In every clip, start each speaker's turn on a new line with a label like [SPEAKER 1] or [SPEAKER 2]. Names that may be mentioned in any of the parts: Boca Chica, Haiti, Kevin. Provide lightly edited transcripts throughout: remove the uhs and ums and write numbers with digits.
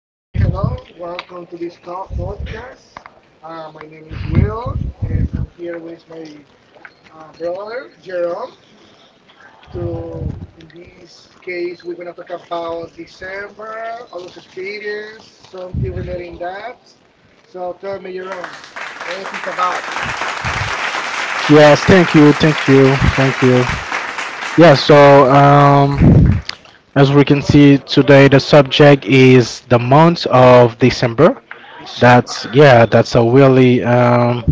[SPEAKER 1] Okay, hello. Welcome to this podcast. My name is Will, and I'm here with my brother Jerome. To in this case, we're gonna talk about December, all those experience, something relating that. So tell me, Jerome, what do you think about
[SPEAKER 2] Yes, thank you, thank you, thank you. Yeah, so um, as we can see today, the subject is the month of December.
[SPEAKER 1] December,
[SPEAKER 2] That's a really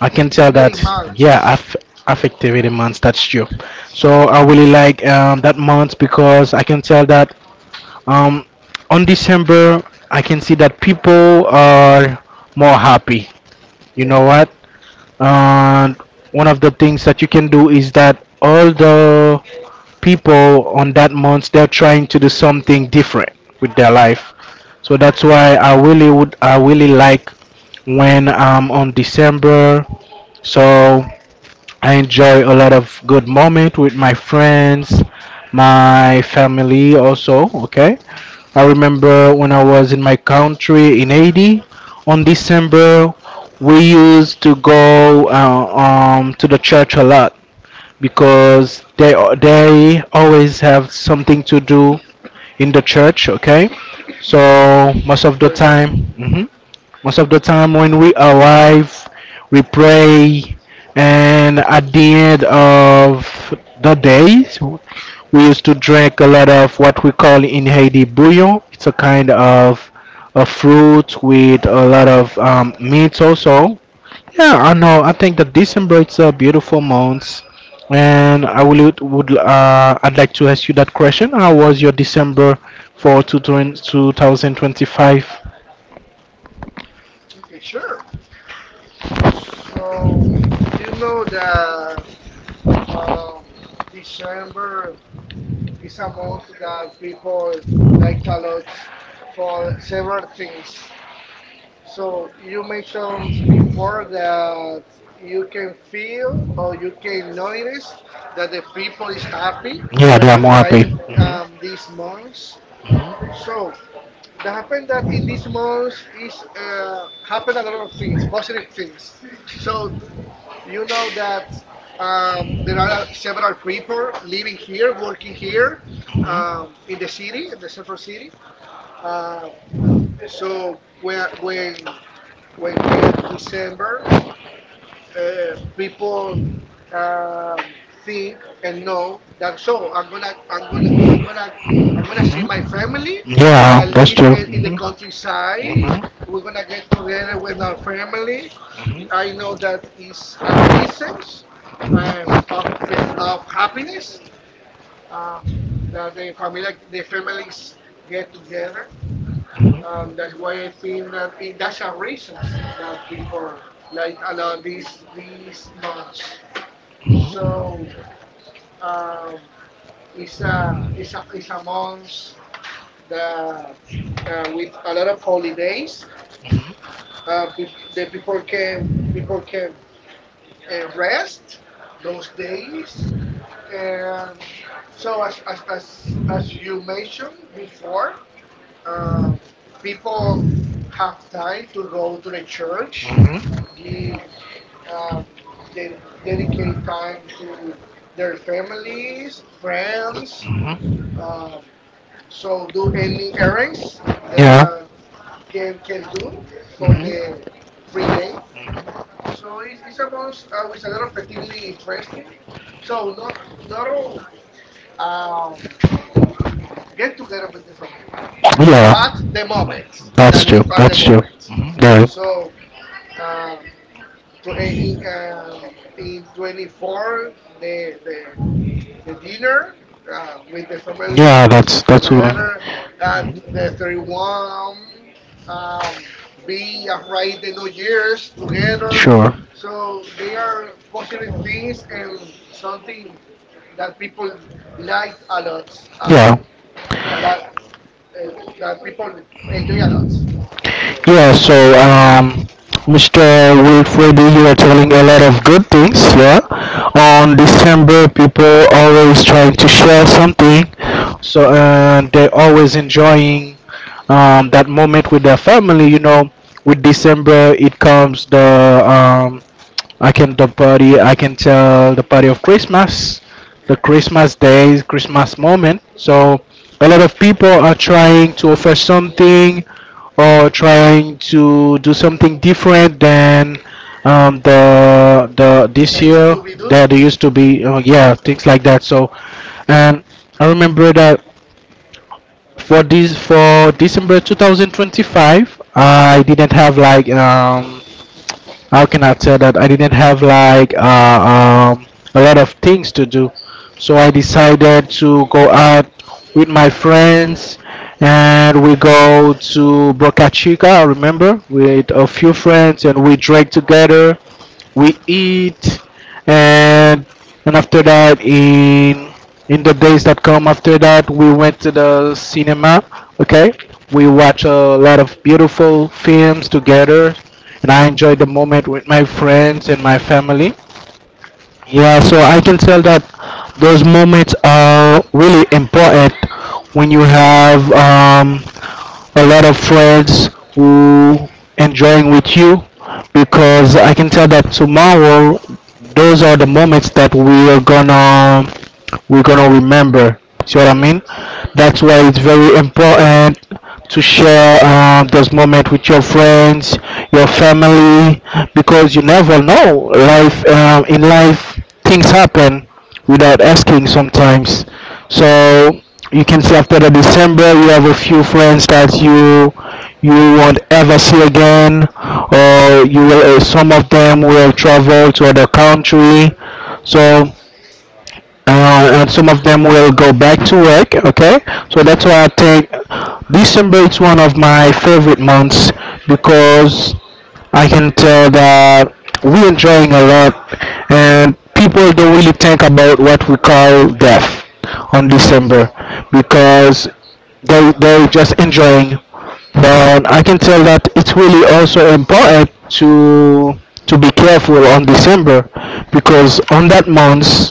[SPEAKER 1] a
[SPEAKER 2] I can tell
[SPEAKER 1] festivity
[SPEAKER 2] that yeah,
[SPEAKER 1] month?
[SPEAKER 2] affectivity month. That's true. So
[SPEAKER 1] Yes,
[SPEAKER 2] I really like that month because I can tell that um, on December I can see that people are more happy. You know
[SPEAKER 1] yes,
[SPEAKER 2] what? And one of the things that you can do is that all the people on that month they're trying to do something different with their life.
[SPEAKER 1] yes.
[SPEAKER 2] So that's why I really like when I'm on December. So I enjoy a lot of good moment with my friends, my family also. Okay, I remember when I was in my country in Haiti, on December, we used to go to the church a lot because they always have something to do in the church. Okay, so
[SPEAKER 1] Yeah, very important.
[SPEAKER 2] mhm, most of the time when we arrive, we pray, and at the end of the days, we used to drink a lot of what we call in Haiti bouillon. It's a kind of a fruit with a lot of meat also. Yeah, I know. I think that December it's a beautiful month, and I would I'd like to ask you that question. How was your December for 2025?
[SPEAKER 1] Okay, sure. So you know that um, December is a month that people liked a lot for several things. So you mentioned before that you can feel or you can notice that the people is happy
[SPEAKER 2] Yeah,
[SPEAKER 1] when
[SPEAKER 2] they are more
[SPEAKER 1] arrive
[SPEAKER 2] happy.
[SPEAKER 1] these months. So that happened that in these months is happened a lot of things, positive things. So you know that there are several people living here, working here, in the city, in the central city. Uh, so when get December, people
[SPEAKER 2] So
[SPEAKER 1] um, think and know that so I'm gonna see my family that live in the countryside. We're gonna get together with our family. I know that is a reason of of happiness um, that the family, the families get together. That's why I think that it, that's a reasons that people like a lot these months. So um, it's a month that with a lot of holidays.
[SPEAKER 2] have
[SPEAKER 1] The people can people can and rest those days. Um, so as you mentioned before, um, people have time to go to the church, give um, de- dedicate time to their families, friends. Um, so do any errands that can do for the free day. So it's a month with a lot of activity interesting. So not all get together with the families, but the moments that live at the moment.
[SPEAKER 2] moment. Yeah.
[SPEAKER 1] So um, to, in 24 the the the dinner with the family
[SPEAKER 2] Yeah,
[SPEAKER 1] is
[SPEAKER 2] that's what.
[SPEAKER 1] together at the 31, um, be right the new year's together.
[SPEAKER 2] Sure.
[SPEAKER 1] So they are positive things and something that people like a lot, um,
[SPEAKER 2] Yeah.
[SPEAKER 1] a lot, uh, that people enjoy a lot.
[SPEAKER 2] Yeah, so um Mr. Wilfred, you are telling a lot of good things, yeah. On December people always trying to share something. So and they're always enjoying that moment with their family, you know. With December it comes the um I can the party. I can tell the party of Christmas, the
[SPEAKER 1] Yes,
[SPEAKER 2] Christmas days, Christmas moment. So a lot of people are trying to offer something or trying to do something different than the this
[SPEAKER 1] that used
[SPEAKER 2] year
[SPEAKER 1] to be do.
[SPEAKER 2] that they used to be. Yeah, things like that. So and I remember that for December 2025, I didn't have like how can I tell that I didn't have like a lot of things to do, so I decided to go out with my friends, and we go to Boca Chica. Remember with a few friends, and we drank together, we eat, and and after that in the days that come after that we went to the cinema. Okay, we watch a lot of beautiful films together, and I enjoyed the moment with my friends and my family. Yeah, so I can tell that those moments are really important when you have a lot of friends who enjoying with you, because I can tell that tomorrow those are the moments that we're gonna remember. See what I mean?
[SPEAKER 1] Yes.
[SPEAKER 2] That's why it's very important to share those moments with your friends, your family, because you never know. Life in life, things happen without asking sometimes. So you can see after the December, you have a few friends that you won't ever see again, or you will. Some of them will travel to other country. So and some of them will go back to work. Okay, so that's why I think December is one of my favorite months because I can tell that we're enjoying a lot, and people don't really think about what we call death on December,
[SPEAKER 1] Yes.
[SPEAKER 2] because they're just enjoying. But I can tell that it's really also important to be careful on December, because on that month,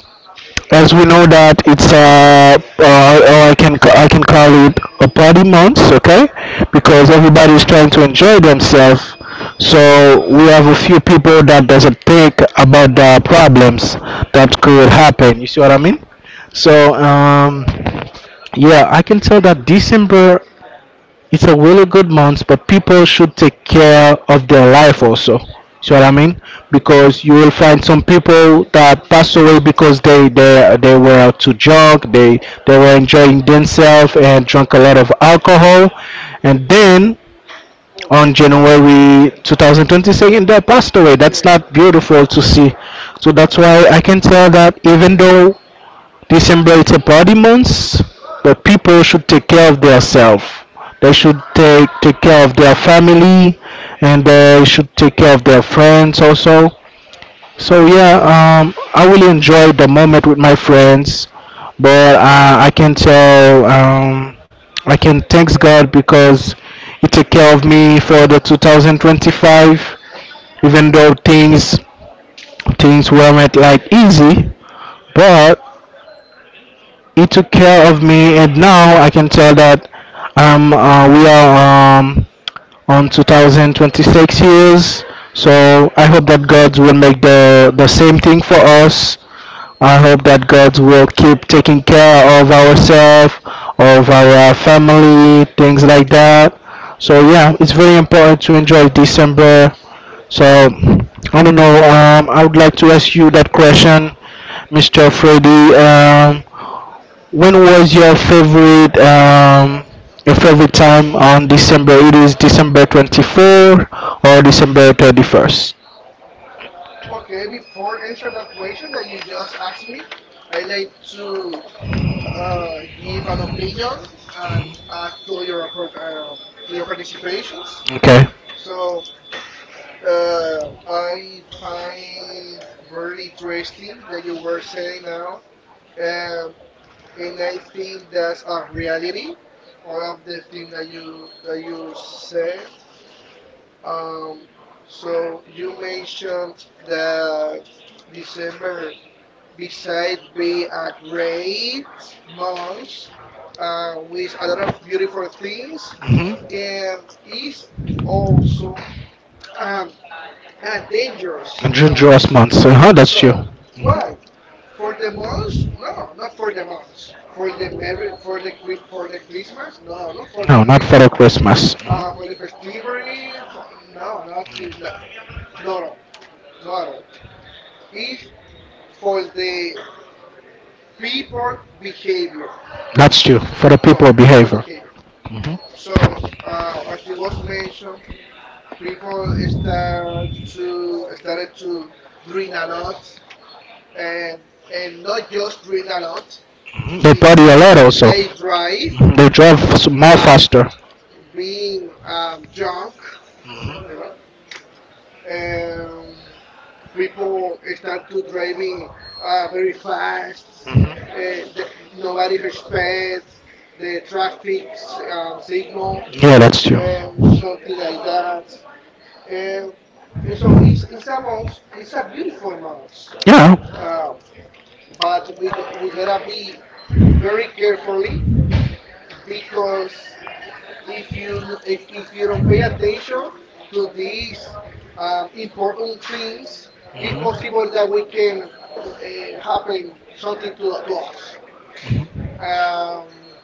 [SPEAKER 2] as we know that it's or I can call it a party month, okay? Because everybody is trying to enjoy themselves. So we have a few people that doesn't think about the problems that could happen. You see what I mean? So
[SPEAKER 1] Yes.
[SPEAKER 2] um, yeah, I can tell that December it's a really good month, but people should take care of their life also. See what I mean? Because you will find some people that pass away because they they were out to jog, they were enjoying themselves and drank a lot of alcohol, and then on January 2022, they passed away. That's
[SPEAKER 1] Yes.
[SPEAKER 2] not beautiful to see. So that's why I can tell that even though December is a body month, but people should take care of themselves. They should take care of their family, and they should take care of their friends also. So yeah, I really enjoy the moment with my friends, but I can tell I can thanks God because He took care of me for the 2025. Even though things weren't like easy, but he took care of me, and now I can tell that we are on 2026 years. So I hope that God will make the same thing for us. I hope that God will keep taking care of ourselves, of our family, things like that. So yeah, it's very important to enjoy December. So I don't know. I would like to ask you that question, Mr. Freddy. Um, when was your favorite time on December? It is December 24 or December 31st.
[SPEAKER 1] Okay, before answer that question that you just asked me, I like to give an opinion and add to your um, to your participations.
[SPEAKER 2] Okay.
[SPEAKER 1] So I find very interesting that you were saying now. Um, and I think that's a reality. All of the things that you said. Um, so you mentioned that December, besides be a great month with a lot of beautiful things, and is also um, a
[SPEAKER 2] Mm-hmm.
[SPEAKER 1] dangerous month.
[SPEAKER 2] Dangerous months. Uh-huh, that's true.
[SPEAKER 1] So why? For the months? No, not for the months. For the merry, for the for the Christmas? No, not for the
[SPEAKER 2] No, not for the
[SPEAKER 1] Christmas.
[SPEAKER 2] Christmas.
[SPEAKER 1] For the festivity? For no, nothing. No, no, no, not at all. Is for the people behavior.
[SPEAKER 2] That's true. For the
[SPEAKER 1] So
[SPEAKER 2] people
[SPEAKER 1] people
[SPEAKER 2] behavior.
[SPEAKER 1] behavior.
[SPEAKER 2] Mhm.
[SPEAKER 1] So as it was mentioned, people start to started to drink a lot. And not just drink a lot.
[SPEAKER 2] They
[SPEAKER 1] If
[SPEAKER 2] party a lot
[SPEAKER 1] not,
[SPEAKER 2] also.
[SPEAKER 1] they
[SPEAKER 2] They drive.
[SPEAKER 1] drive,
[SPEAKER 2] Mhm. They drive more
[SPEAKER 1] um,
[SPEAKER 2] faster.
[SPEAKER 1] being drunk, you know. Um, People start to
[SPEAKER 2] Mhm.
[SPEAKER 1] driving very fast. Uh, the, Nobody respect the traffic
[SPEAKER 2] Mhm.
[SPEAKER 1] signal,
[SPEAKER 2] Yeah, that's
[SPEAKER 1] something like that. Um, and so it's a month. It's a beautiful month.
[SPEAKER 2] Yeah.
[SPEAKER 1] Um, but we gotta be very carefully, because if you if you don't pay attention to these important things, it's possible that we can happen something to us. Um,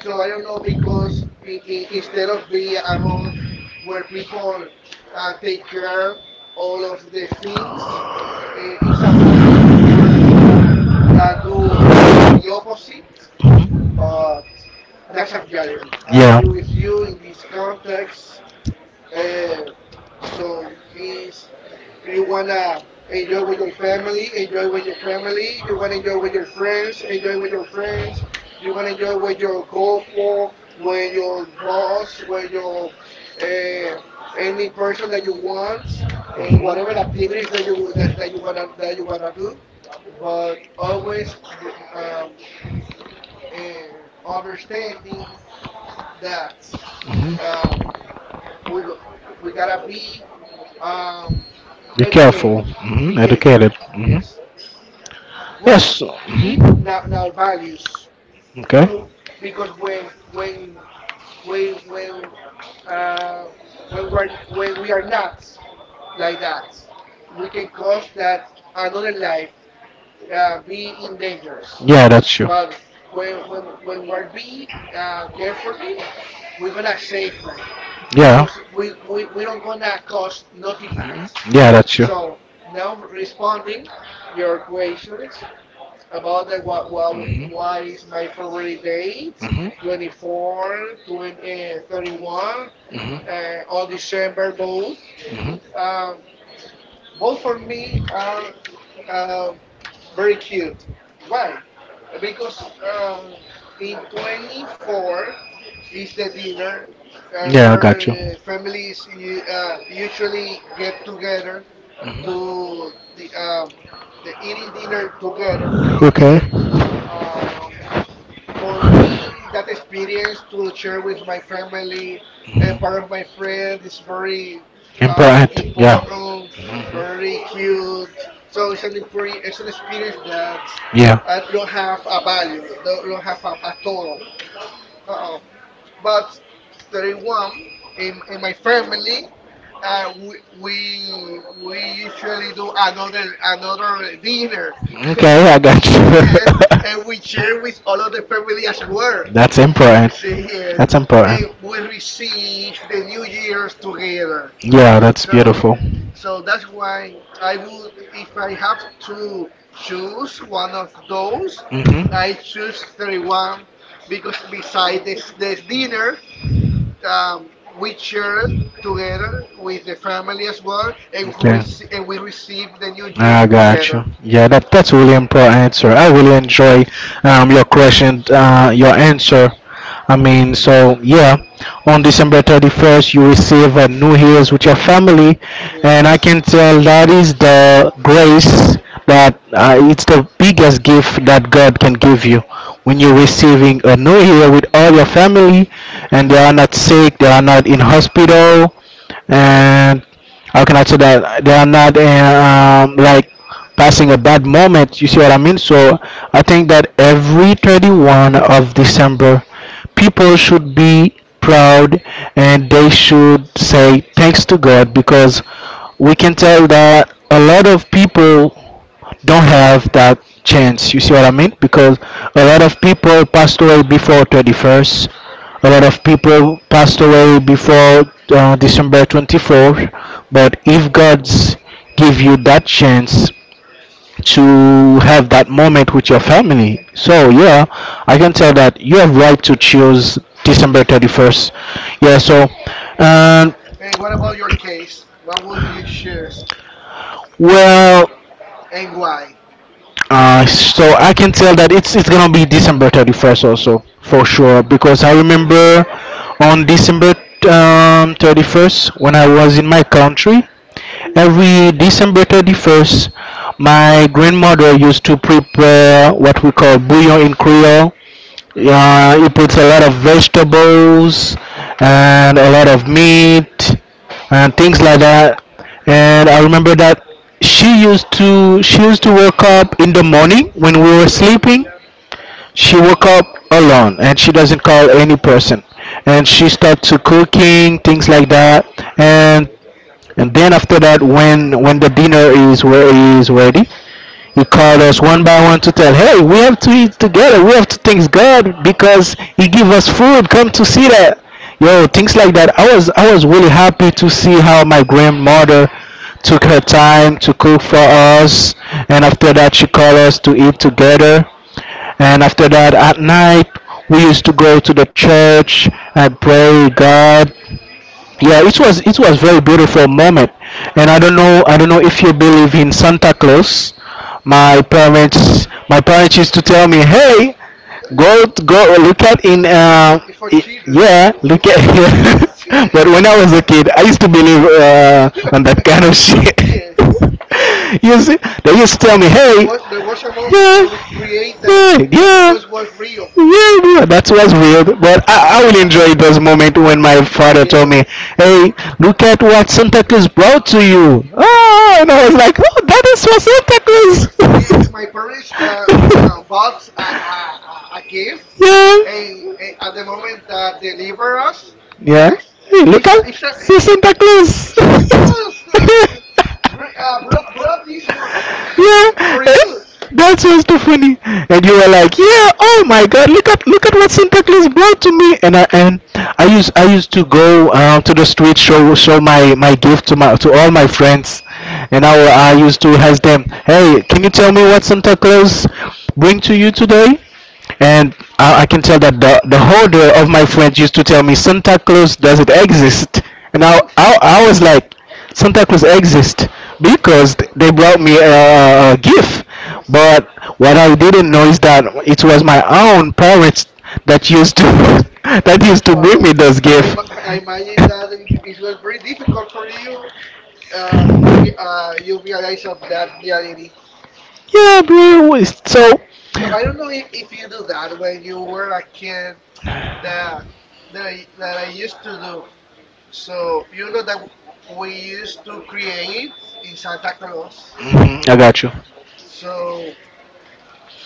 [SPEAKER 1] so I don't know because I instead of being a month where people take care all of the things, it's a month where people do totally the opposite, but that's a reality. I agree with you in this context. Uh, so is you wanna enjoy with your family, enjoy with your family. You wanna enjoy with your friends, enjoy with your friends. You wanna enjoy with your couple, with your boss, with your uh, any person that you want, whatever activities that that you wanna do. But always re- um, understanding that um,
[SPEAKER 2] Hmm.
[SPEAKER 1] we go, we gotta be um, educated. Be
[SPEAKER 2] Hmm.
[SPEAKER 1] careful. Yes. Why?
[SPEAKER 2] Yes.
[SPEAKER 1] Keep
[SPEAKER 2] Hmm.
[SPEAKER 1] now now values
[SPEAKER 2] Okay.
[SPEAKER 1] too, because when when uh, when we are not like that, we can cause that another life be in dangers.
[SPEAKER 2] Yeah, that's true.
[SPEAKER 1] But when we're be carefully, we're gonna save life
[SPEAKER 2] Yeah.
[SPEAKER 1] because we don't gonna cause nothing bad.
[SPEAKER 2] Yeah, that's
[SPEAKER 1] So now responding your questions about the what what
[SPEAKER 2] Mhm.
[SPEAKER 1] what is my favorite date,
[SPEAKER 2] Hmm.
[SPEAKER 1] 24, 31,
[SPEAKER 2] Hmm.
[SPEAKER 1] on December. Both,
[SPEAKER 2] Hmm.
[SPEAKER 1] um, both for me are um, very cute. Why? Because in 24 is the dinner where families usually get together to the eating dinner together.
[SPEAKER 2] Okay.
[SPEAKER 1] Um, for me, that experience to share with my family and part of my friend is very
[SPEAKER 2] And Bryant,
[SPEAKER 1] important, very cute. So it's it's an experience that
[SPEAKER 2] yeah.
[SPEAKER 1] I don't have a value, don't have a total. But 31, in my family we, we usually do another dinner.
[SPEAKER 2] I
[SPEAKER 1] Yes. And
[SPEAKER 2] got
[SPEAKER 1] we share with all of the family as well.
[SPEAKER 2] that's important.
[SPEAKER 1] See, yes, and we receive the new year's together.
[SPEAKER 2] Yeah, that's
[SPEAKER 1] So so that's why I would, if I have to choose one of those,
[SPEAKER 2] Hmm.
[SPEAKER 1] I choose 31, because besides this dinner we share together with the family as well, and we and we receive the New Year's
[SPEAKER 2] I got you.
[SPEAKER 1] together.
[SPEAKER 2] Yeah, that that's a really important answer. I
[SPEAKER 1] Yes,
[SPEAKER 2] really enjoy your answer. I mean, so yeah, on December 31st, you receive a New Year's with your family, and I
[SPEAKER 1] yes.
[SPEAKER 2] can tell that is the grace that it's the biggest gift that God can give you when you're receiving a New Year with all
[SPEAKER 1] Ye-
[SPEAKER 2] your family, and
[SPEAKER 1] Yes.
[SPEAKER 2] they are not sick, they are not in hospital, and how can I say that they are not like passing a bad moment. You see what I mean? So I think that every 31 of December, people should be proud and they should say thanks to God because we can tell that a lot of people don't have that chance. You see what I mean? Because a lot of people passed away before 31st a lot of people passed away before December 24th. But if God's give you that chance to have that moment with your family, so yeah, I can tell that you have right to choose December 31st. Yeah. Um,
[SPEAKER 1] And what about your case? What would you choose
[SPEAKER 2] well,
[SPEAKER 1] and why?
[SPEAKER 2] so I can tell that it's gonna be December 31st also for
[SPEAKER 1] Oh.
[SPEAKER 2] sure because I remember on December 31st when I was in my country, every December 31st, my grandmother used to prepare what we call bouillon in Creole, yeah, he puts a lot of vegetables and a lot of meat and things like that. And I remember that she used to wake up in the morning when we were sleeping. She woke up alone and she doesn't call any person. And she start to cooking things like that. And and then after that, when the dinner is where is ready, he called us one by one to tell, hey, we have to eat together. We have to thank God because He give us food. Come to see that, yo, things like that. I was really happy to see how my grandmother took her time to cook for us, and after that she called us to eat together. And after that, at night we used to go to the church and pray God. Yeah, it was very beautiful moment. And I don't know if you believe in Santa Claus. My parents used to tell me, hey,
[SPEAKER 1] Eh,
[SPEAKER 2] go look at in
[SPEAKER 1] it's for, it's for children.
[SPEAKER 2] yeah,
[SPEAKER 1] It's
[SPEAKER 2] look
[SPEAKER 1] it's for kids.
[SPEAKER 2] at but when I was a kid I used to believe on that kind of shit.
[SPEAKER 1] Yes,
[SPEAKER 2] You see, they used to tell me,
[SPEAKER 1] there
[SPEAKER 2] hey,
[SPEAKER 1] was a moment that
[SPEAKER 2] yeah
[SPEAKER 1] we create that Santa Claus was real.
[SPEAKER 2] yeah, that was weird, but
[SPEAKER 1] Yeah,
[SPEAKER 2] I will
[SPEAKER 1] yeah.
[SPEAKER 2] enjoy those moments when my father told me,
[SPEAKER 1] Yes.
[SPEAKER 2] "Hey, look at what Santa Claus brought to you." Oh, and I was like, "Oh, that is for
[SPEAKER 1] They ca— yes, my
[SPEAKER 2] Santa
[SPEAKER 1] parents bought
[SPEAKER 2] Claus."
[SPEAKER 1] a, a gift,
[SPEAKER 2] Yeah.
[SPEAKER 1] and at the moment that deliver us,
[SPEAKER 2] Yeah?
[SPEAKER 1] uh, it's,
[SPEAKER 2] Hey, look
[SPEAKER 1] it's, a,
[SPEAKER 2] at,
[SPEAKER 1] it's, a,
[SPEAKER 2] see
[SPEAKER 1] it's
[SPEAKER 2] Santa
[SPEAKER 1] Santa
[SPEAKER 2] Claus.
[SPEAKER 1] Claus
[SPEAKER 2] Yes,
[SPEAKER 1] brought this one
[SPEAKER 2] yeah,
[SPEAKER 1] for
[SPEAKER 2] eh,
[SPEAKER 1] you.
[SPEAKER 2] that was too funny. And you were like, yeah, oh my God, look at what Santa Claus brought to me. And I used to go to the street, show show my my gift to all my friends. And I used to ask them, hey, can you tell me what Santa Claus bring to you today? And I can tell that the holder of my friends used to tell me Santa Claus doesn't exist. And I,
[SPEAKER 1] Mm.
[SPEAKER 2] I, I was like, Santa Claus exists because they brought me a gift.
[SPEAKER 1] It's, um,
[SPEAKER 2] But what I didn't know is that it was my own parents that used to that used to bring
[SPEAKER 1] wow.
[SPEAKER 2] me those
[SPEAKER 1] I,
[SPEAKER 2] gifts.
[SPEAKER 1] I imagine that it was very difficult for you. You realize of that reality.
[SPEAKER 2] Yeah, bro. So.
[SPEAKER 1] So I don't know if you do that when you were a kid that that I used to do. So you know that w— we used to create in Santa Claus.
[SPEAKER 2] Mhm, I got you.
[SPEAKER 1] So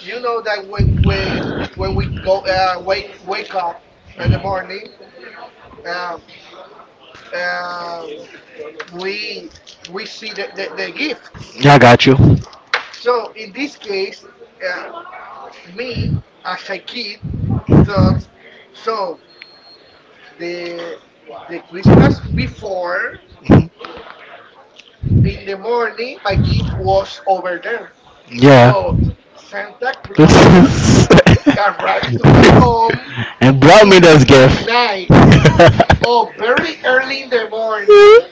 [SPEAKER 1] you know that when we go wake wake up in the morning, um, um, we see the, the gifts.
[SPEAKER 2] Yeah, I got you.
[SPEAKER 1] So in this case, uh, me as a kid thought so. the the Christmas before,
[SPEAKER 2] Mhm.
[SPEAKER 1] in the morning my gift was over there.
[SPEAKER 2] Yeah.
[SPEAKER 1] So Santa Claus
[SPEAKER 2] This is.
[SPEAKER 1] arrived to my home
[SPEAKER 2] And Brown me
[SPEAKER 1] in
[SPEAKER 2] does
[SPEAKER 1] the at
[SPEAKER 2] gift.
[SPEAKER 1] night or
[SPEAKER 2] To.
[SPEAKER 1] very early in the morning.
[SPEAKER 2] Oh,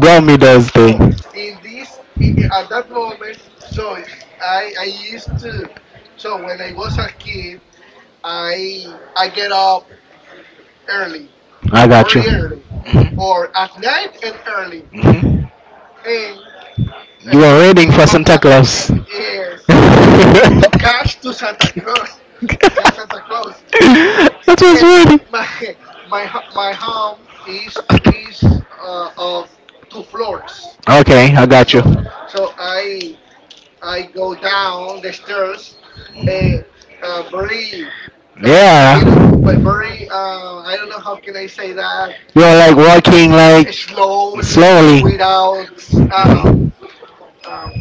[SPEAKER 2] Brown me does
[SPEAKER 1] So
[SPEAKER 2] thing.
[SPEAKER 1] in this at that moment, so I used to so when I was a kid, I get up early,
[SPEAKER 2] I got
[SPEAKER 1] very
[SPEAKER 2] you.
[SPEAKER 1] early, or at night and early.
[SPEAKER 2] You were
[SPEAKER 1] uh,
[SPEAKER 2] waiting
[SPEAKER 1] my,
[SPEAKER 2] for
[SPEAKER 1] my, my,
[SPEAKER 2] Santa
[SPEAKER 1] uh,
[SPEAKER 2] Claus.
[SPEAKER 1] yes, to cash
[SPEAKER 2] That
[SPEAKER 1] to Santa Claus, to cash Santa Claus. So,
[SPEAKER 2] was
[SPEAKER 1] and
[SPEAKER 2] waiting.
[SPEAKER 1] my my home is of two floors.
[SPEAKER 2] Okay, I got you.
[SPEAKER 1] So, so I I go down the stairs, a very
[SPEAKER 2] Yeah.
[SPEAKER 1] bit of- b- very I don't know how can I say that,
[SPEAKER 2] You are like walking like
[SPEAKER 1] slowly
[SPEAKER 2] slowly.
[SPEAKER 1] without um, um,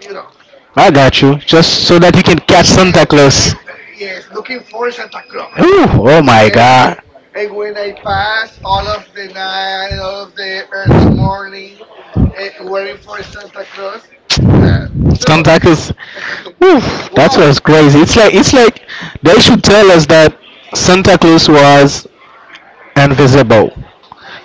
[SPEAKER 1] you know,
[SPEAKER 2] I
[SPEAKER 1] wait up.
[SPEAKER 2] got you.
[SPEAKER 1] So,
[SPEAKER 2] Just so that you can catch Santa
[SPEAKER 1] eh, eh, eh,
[SPEAKER 2] Claus.
[SPEAKER 1] yes, looking for Santa Claus.
[SPEAKER 2] Ooh, oh my
[SPEAKER 1] And,
[SPEAKER 2] God.
[SPEAKER 1] and when I pass all of the night and all of the morning waiting for Santa Claus, uh, so
[SPEAKER 2] Santa Claus. Oof, that, well,
[SPEAKER 1] wow,
[SPEAKER 2] was crazy. It's like they should tell us that Santa Claus was invisible.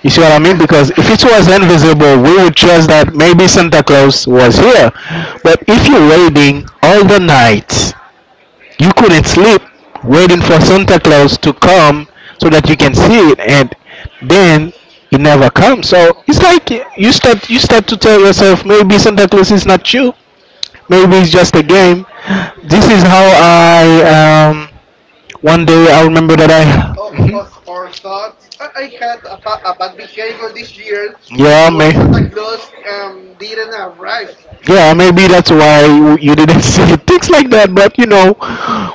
[SPEAKER 2] You see what I mean? Because if it was invisible, we would trust
[SPEAKER 1] You-
[SPEAKER 2] that maybe Santa Claus was here.
[SPEAKER 1] yes,
[SPEAKER 2] But if you're waiting all the night, you couldn't sleep waiting for Santa Claus to come so that you can see it, and then it never comes. So it's like you start to tell yourself maybe Santa Claus is not you. Maybe it's just a game.
[SPEAKER 1] yes.
[SPEAKER 2] This is how I, one day, I remember
[SPEAKER 1] Oh,
[SPEAKER 2] that
[SPEAKER 1] I had
[SPEAKER 2] I.
[SPEAKER 1] oh, oh, oh, or thoughts. I had ba— a bad behavior this year. That's
[SPEAKER 2] Yeah,
[SPEAKER 1] why Santa
[SPEAKER 2] man.
[SPEAKER 1] Claus didn't arrive.
[SPEAKER 2] Yeah, maybe that's why you didn't say things like that. But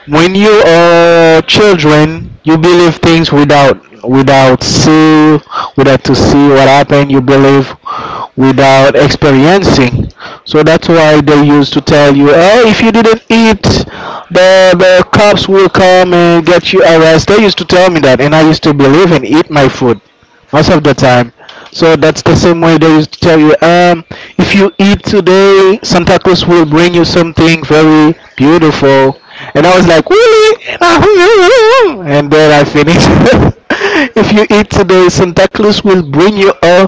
[SPEAKER 2] when you are children, you believe things without see, without to see what happened. You believe without experiencing. So that's why they used to tell you, "Oh, if you didn't eat, the cops will come and get you arrested." They used to tell me that, and I used to believe and eat my food most of the time. So that's the same way they used to tell you, if you eat today, Santa Claus will bring you something very beautiful.
[SPEAKER 1] Yeah.
[SPEAKER 2] And I was like, really? And then I finished. If you eat today, Santa Claus will bring you a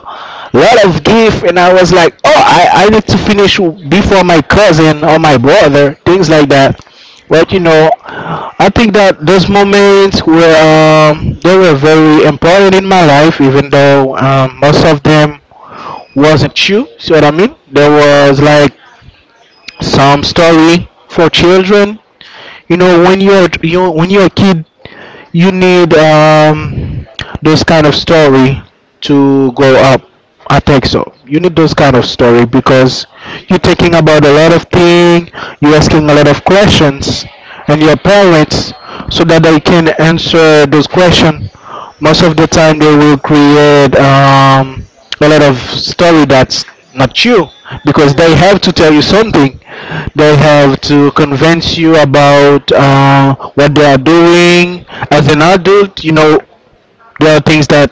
[SPEAKER 2] lot of gift. And I was like, oh, I need to finish before my cousin or my brother, things like that. But I think that those moments were they were very important in my life, even though most of them wasn't true. See what I mean? There was like some story for children. When you're a kid, you need those kind of story to go up. I think so. You need those kind of story because you're thinking about a lot of thing, you're asking a lot of questions, and your parents, so that they can answer those questions, most of the time they will create a lot of story that's not true, because
[SPEAKER 1] Yes.
[SPEAKER 2] they have to tell you something, they have to convince you about what they are doing. As an adult, you know there are things that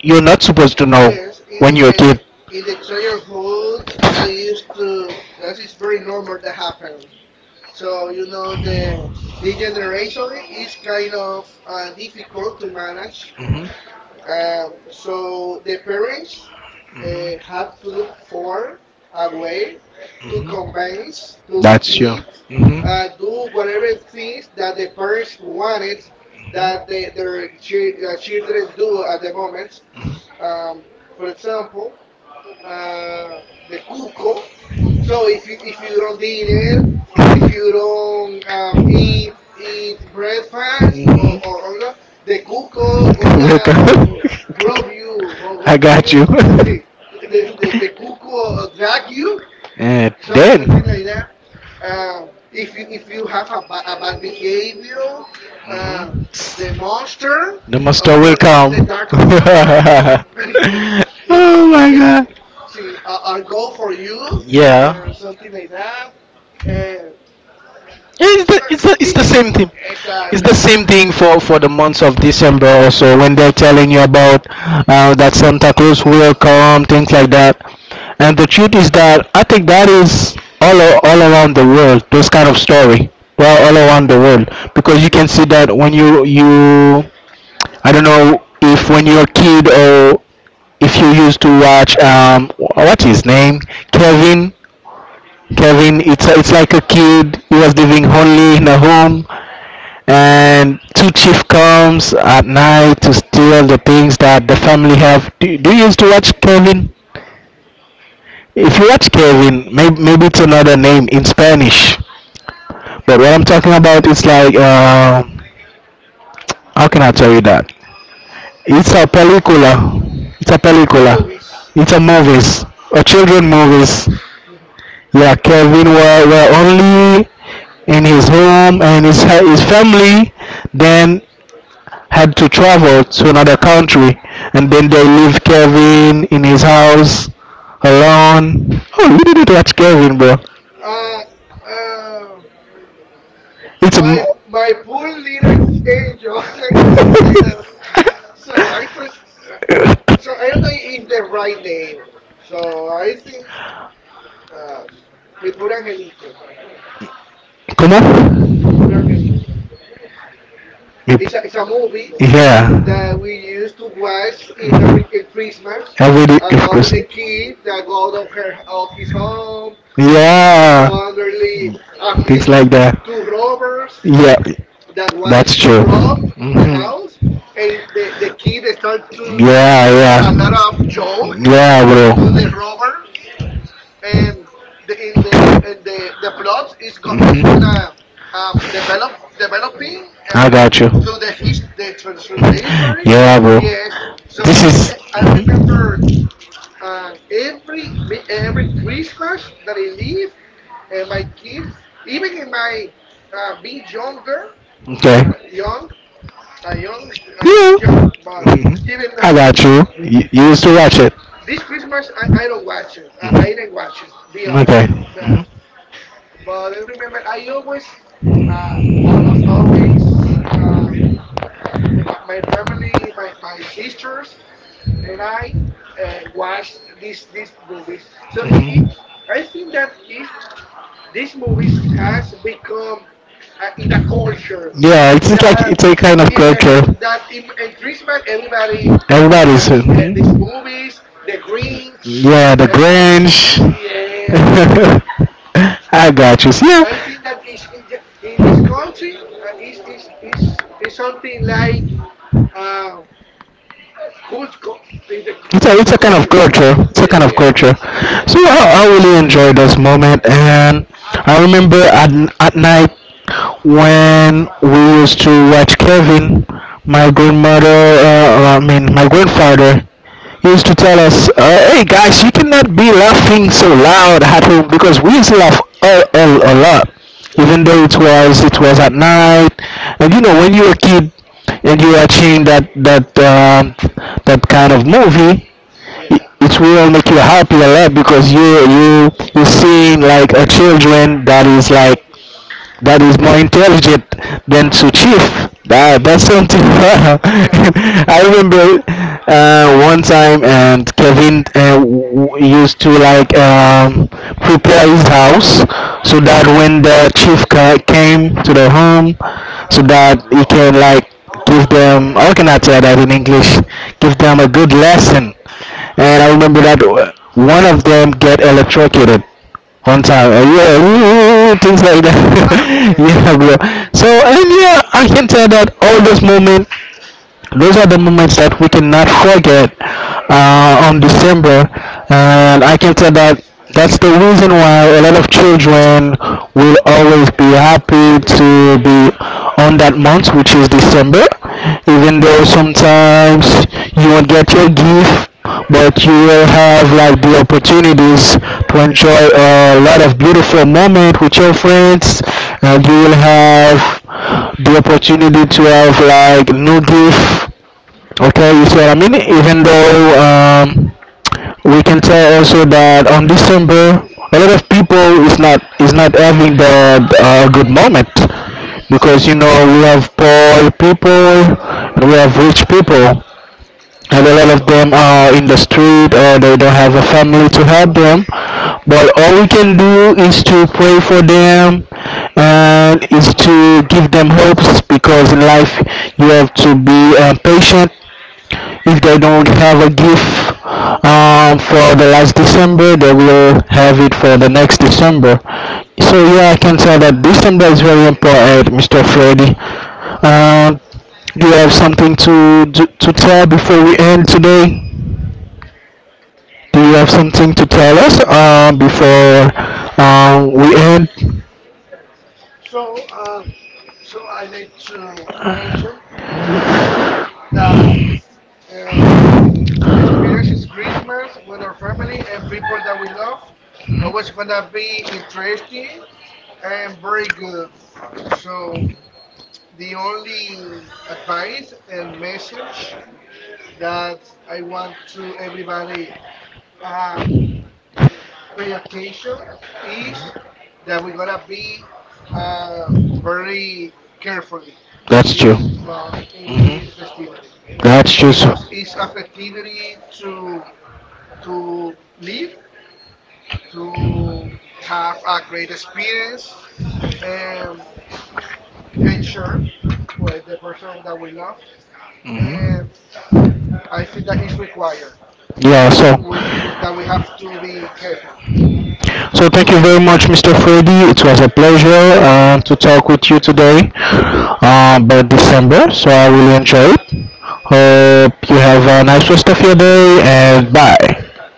[SPEAKER 2] you're not supposed to know
[SPEAKER 1] Yes,
[SPEAKER 2] when you're a kid.
[SPEAKER 1] in the childhood, that used to that is very normal that happened. So you know the generation is kind of difficult to manage.
[SPEAKER 2] Mhm.
[SPEAKER 1] So the parents have to look for a way to convince to the
[SPEAKER 2] That's true.
[SPEAKER 1] kids
[SPEAKER 2] Mhm.
[SPEAKER 1] do whatever things that the parents wanted that children do at the moment. For example, uh, the cuckoo, so if you, if you don't dinner, if you don't eat breakfast or
[SPEAKER 2] Mhm.
[SPEAKER 1] or the cuckoo gonna rob
[SPEAKER 2] Going.
[SPEAKER 1] you, or you know, see the, the cuckoo drag you,
[SPEAKER 2] And.
[SPEAKER 1] so something like that. If you, if you have ba— a bad behavior, uh, the monster
[SPEAKER 2] The.
[SPEAKER 1] of the
[SPEAKER 2] Oh
[SPEAKER 1] dark monster gonna yes it, it,
[SPEAKER 2] my.
[SPEAKER 1] See, a goal for you,
[SPEAKER 2] Yeah.
[SPEAKER 1] something like that. Uh,
[SPEAKER 2] Yeah,
[SPEAKER 1] so, uh,
[SPEAKER 2] it's
[SPEAKER 1] it's,
[SPEAKER 2] the
[SPEAKER 1] it,
[SPEAKER 2] same thing. It's
[SPEAKER 1] exactly.
[SPEAKER 2] the same thing for the months of December, also when they're telling you about that Santa Claus will come, things like that. And the truth is that I think that is all all around the world. Those kind of story, well, all around the world, because you
[SPEAKER 1] Yeah.
[SPEAKER 2] can see that when you. I don't know if when you're a kid, or if you used to watch, what's his name, Kevin. Kevin, it's like a kid. He was living only in a home, and two chief comes at night to steal the things that the family have. Do you used to watch Kevin? If you watch Kevin, maybe it's another name in Spanish. But what I'm talking about, it's like, how can I tell you that? It's a película. It's a película.
[SPEAKER 1] Movies.
[SPEAKER 2] It's a movies, a children movies.
[SPEAKER 1] Hmm.
[SPEAKER 2] Yeah, Kevin were only in his home, and his family then had to travel to another country, and then they leave Kevin in his house alone. Oh, you didn't watch Kevin, bro.
[SPEAKER 1] Uh, uh,
[SPEAKER 2] It's
[SPEAKER 1] my
[SPEAKER 2] a.
[SPEAKER 1] my poor little angel, something like that. So I trust. Uh, so I don't know if the right name. So I think uh, s- mi pobre angelito.
[SPEAKER 2] Come on.
[SPEAKER 1] My Poor Angelito. It's a movie
[SPEAKER 2] Yeah.
[SPEAKER 1] that we used to watch in Merry in Christmas,
[SPEAKER 2] Every day
[SPEAKER 1] about the
[SPEAKER 2] is.
[SPEAKER 1] kid that go out of her out his home and
[SPEAKER 2] Yeah.
[SPEAKER 1] suddenly appeal to robbers
[SPEAKER 2] Yeah.
[SPEAKER 1] that wants to rob the house,
[SPEAKER 2] Mhm.
[SPEAKER 1] and the kid start
[SPEAKER 2] A
[SPEAKER 1] to give a lot of
[SPEAKER 2] yeah.
[SPEAKER 1] joke
[SPEAKER 2] Yeah,
[SPEAKER 1] to the
[SPEAKER 2] bro.
[SPEAKER 1] robbers, and the, in the and the the plot is go, is
[SPEAKER 2] Mhm.
[SPEAKER 1] gonna develop developing through the his the, through the through the history. Yes. So I remember every every Christmas that I live, and my kids, even in my being younger,
[SPEAKER 2] Okay.
[SPEAKER 1] uh, young, young, I'm still young, but even now.
[SPEAKER 2] Got you. You used to watch
[SPEAKER 1] So
[SPEAKER 2] it.
[SPEAKER 1] this Christmas I don't watch it. I didn't watch it. Be honest, but I remember I always, almost always, um, my, my family, my sisters and I watch these movies. So I think that is these movies has become in a culture that yeah that in Christmas everybody watch these movies, The Grinch. Uh, s-
[SPEAKER 2] Grange.
[SPEAKER 1] yes,
[SPEAKER 2] I got you.
[SPEAKER 1] the-
[SPEAKER 2] Yeah.
[SPEAKER 1] I think that is in the— in this country is something like uh, cult co- in the,
[SPEAKER 2] It's a,
[SPEAKER 1] with
[SPEAKER 2] it's
[SPEAKER 1] the
[SPEAKER 2] a kind of
[SPEAKER 1] culture.
[SPEAKER 2] culture.
[SPEAKER 1] Yeah.
[SPEAKER 2] It's a kind of culture.
[SPEAKER 1] Yes.
[SPEAKER 2] So
[SPEAKER 1] Yes.
[SPEAKER 2] I really enjoyed this moment, and I remember at night when we used to watch Kevin, my grandmother, I mean my grandfather, used to tell us, "Hey guys, you cannot be laughing so loud at home, because we used to laugh a lot, even though it was at night. And when you're a kid, and you are seeing that kind of movie,
[SPEAKER 1] Yeah.
[SPEAKER 2] it will make you happy a lot, because you seeing like a children that is like that is more intelligent than to chief.
[SPEAKER 1] Yeah.
[SPEAKER 2] That's something.
[SPEAKER 1] Yeah.
[SPEAKER 2] I remember one time, and Kevin used to like prepare his house, so that when the chief came to the home, so that he can like give them. How can I say that in English? Give them a good lesson. And I remember that one of them get electrocuted one time, yeah, woo, things like that.
[SPEAKER 1] Ah, okay. Yeah.
[SPEAKER 2] Yeah, bro. So, and yeah, I can tell that all those moments, those are the moments that we cannot forget on December. And I can tell that that's the reason why a lot of children will always be happy to be on that month, which is December. Even though sometimes you won't get your gift, but you will have like the opportunities to enjoy a lot of beautiful moment with your friends, and you will have the opportunity to have like new grief. Okay, you see what I mean? Even though we can tell also that on December a lot of people is not having the good moment. Because you
[SPEAKER 1] Yes.
[SPEAKER 2] know, we have poor people and we have rich people, and a lot of them are in the street, or they don't have a family to help them. But all we can do is to pray for them, and is to give them hopes, because in life you have to be patient. If they don't have a gift for the last December, they will have it for the next December. So yeah, I can say that December is very important, Mr. Freddy. Uh, do you have something to tell before we end today? Do you have something to tell us, before we end?
[SPEAKER 1] So so I like to mention that uh, the experience is Christmas when our family and people that we love always gonna be interesting. I'm very good. So, the only advice and message that I want to everybody um, pay attention is that we gotta be uh, very carefully in
[SPEAKER 2] That's true.
[SPEAKER 1] this month, in
[SPEAKER 2] Mhm.
[SPEAKER 1] this festivity,
[SPEAKER 2] That's just
[SPEAKER 1] because it's a festivity to live, to have a great experience. Um, and share with the person that we love. And I think that is required
[SPEAKER 2] yeah.
[SPEAKER 1] that
[SPEAKER 2] So
[SPEAKER 1] that we have to be careful
[SPEAKER 2] so thank you very much, Mr. Freddy. It was a pleasure to talk with you today, about December. So I really enjoyed. Hope you have a nice rest of your day and bye.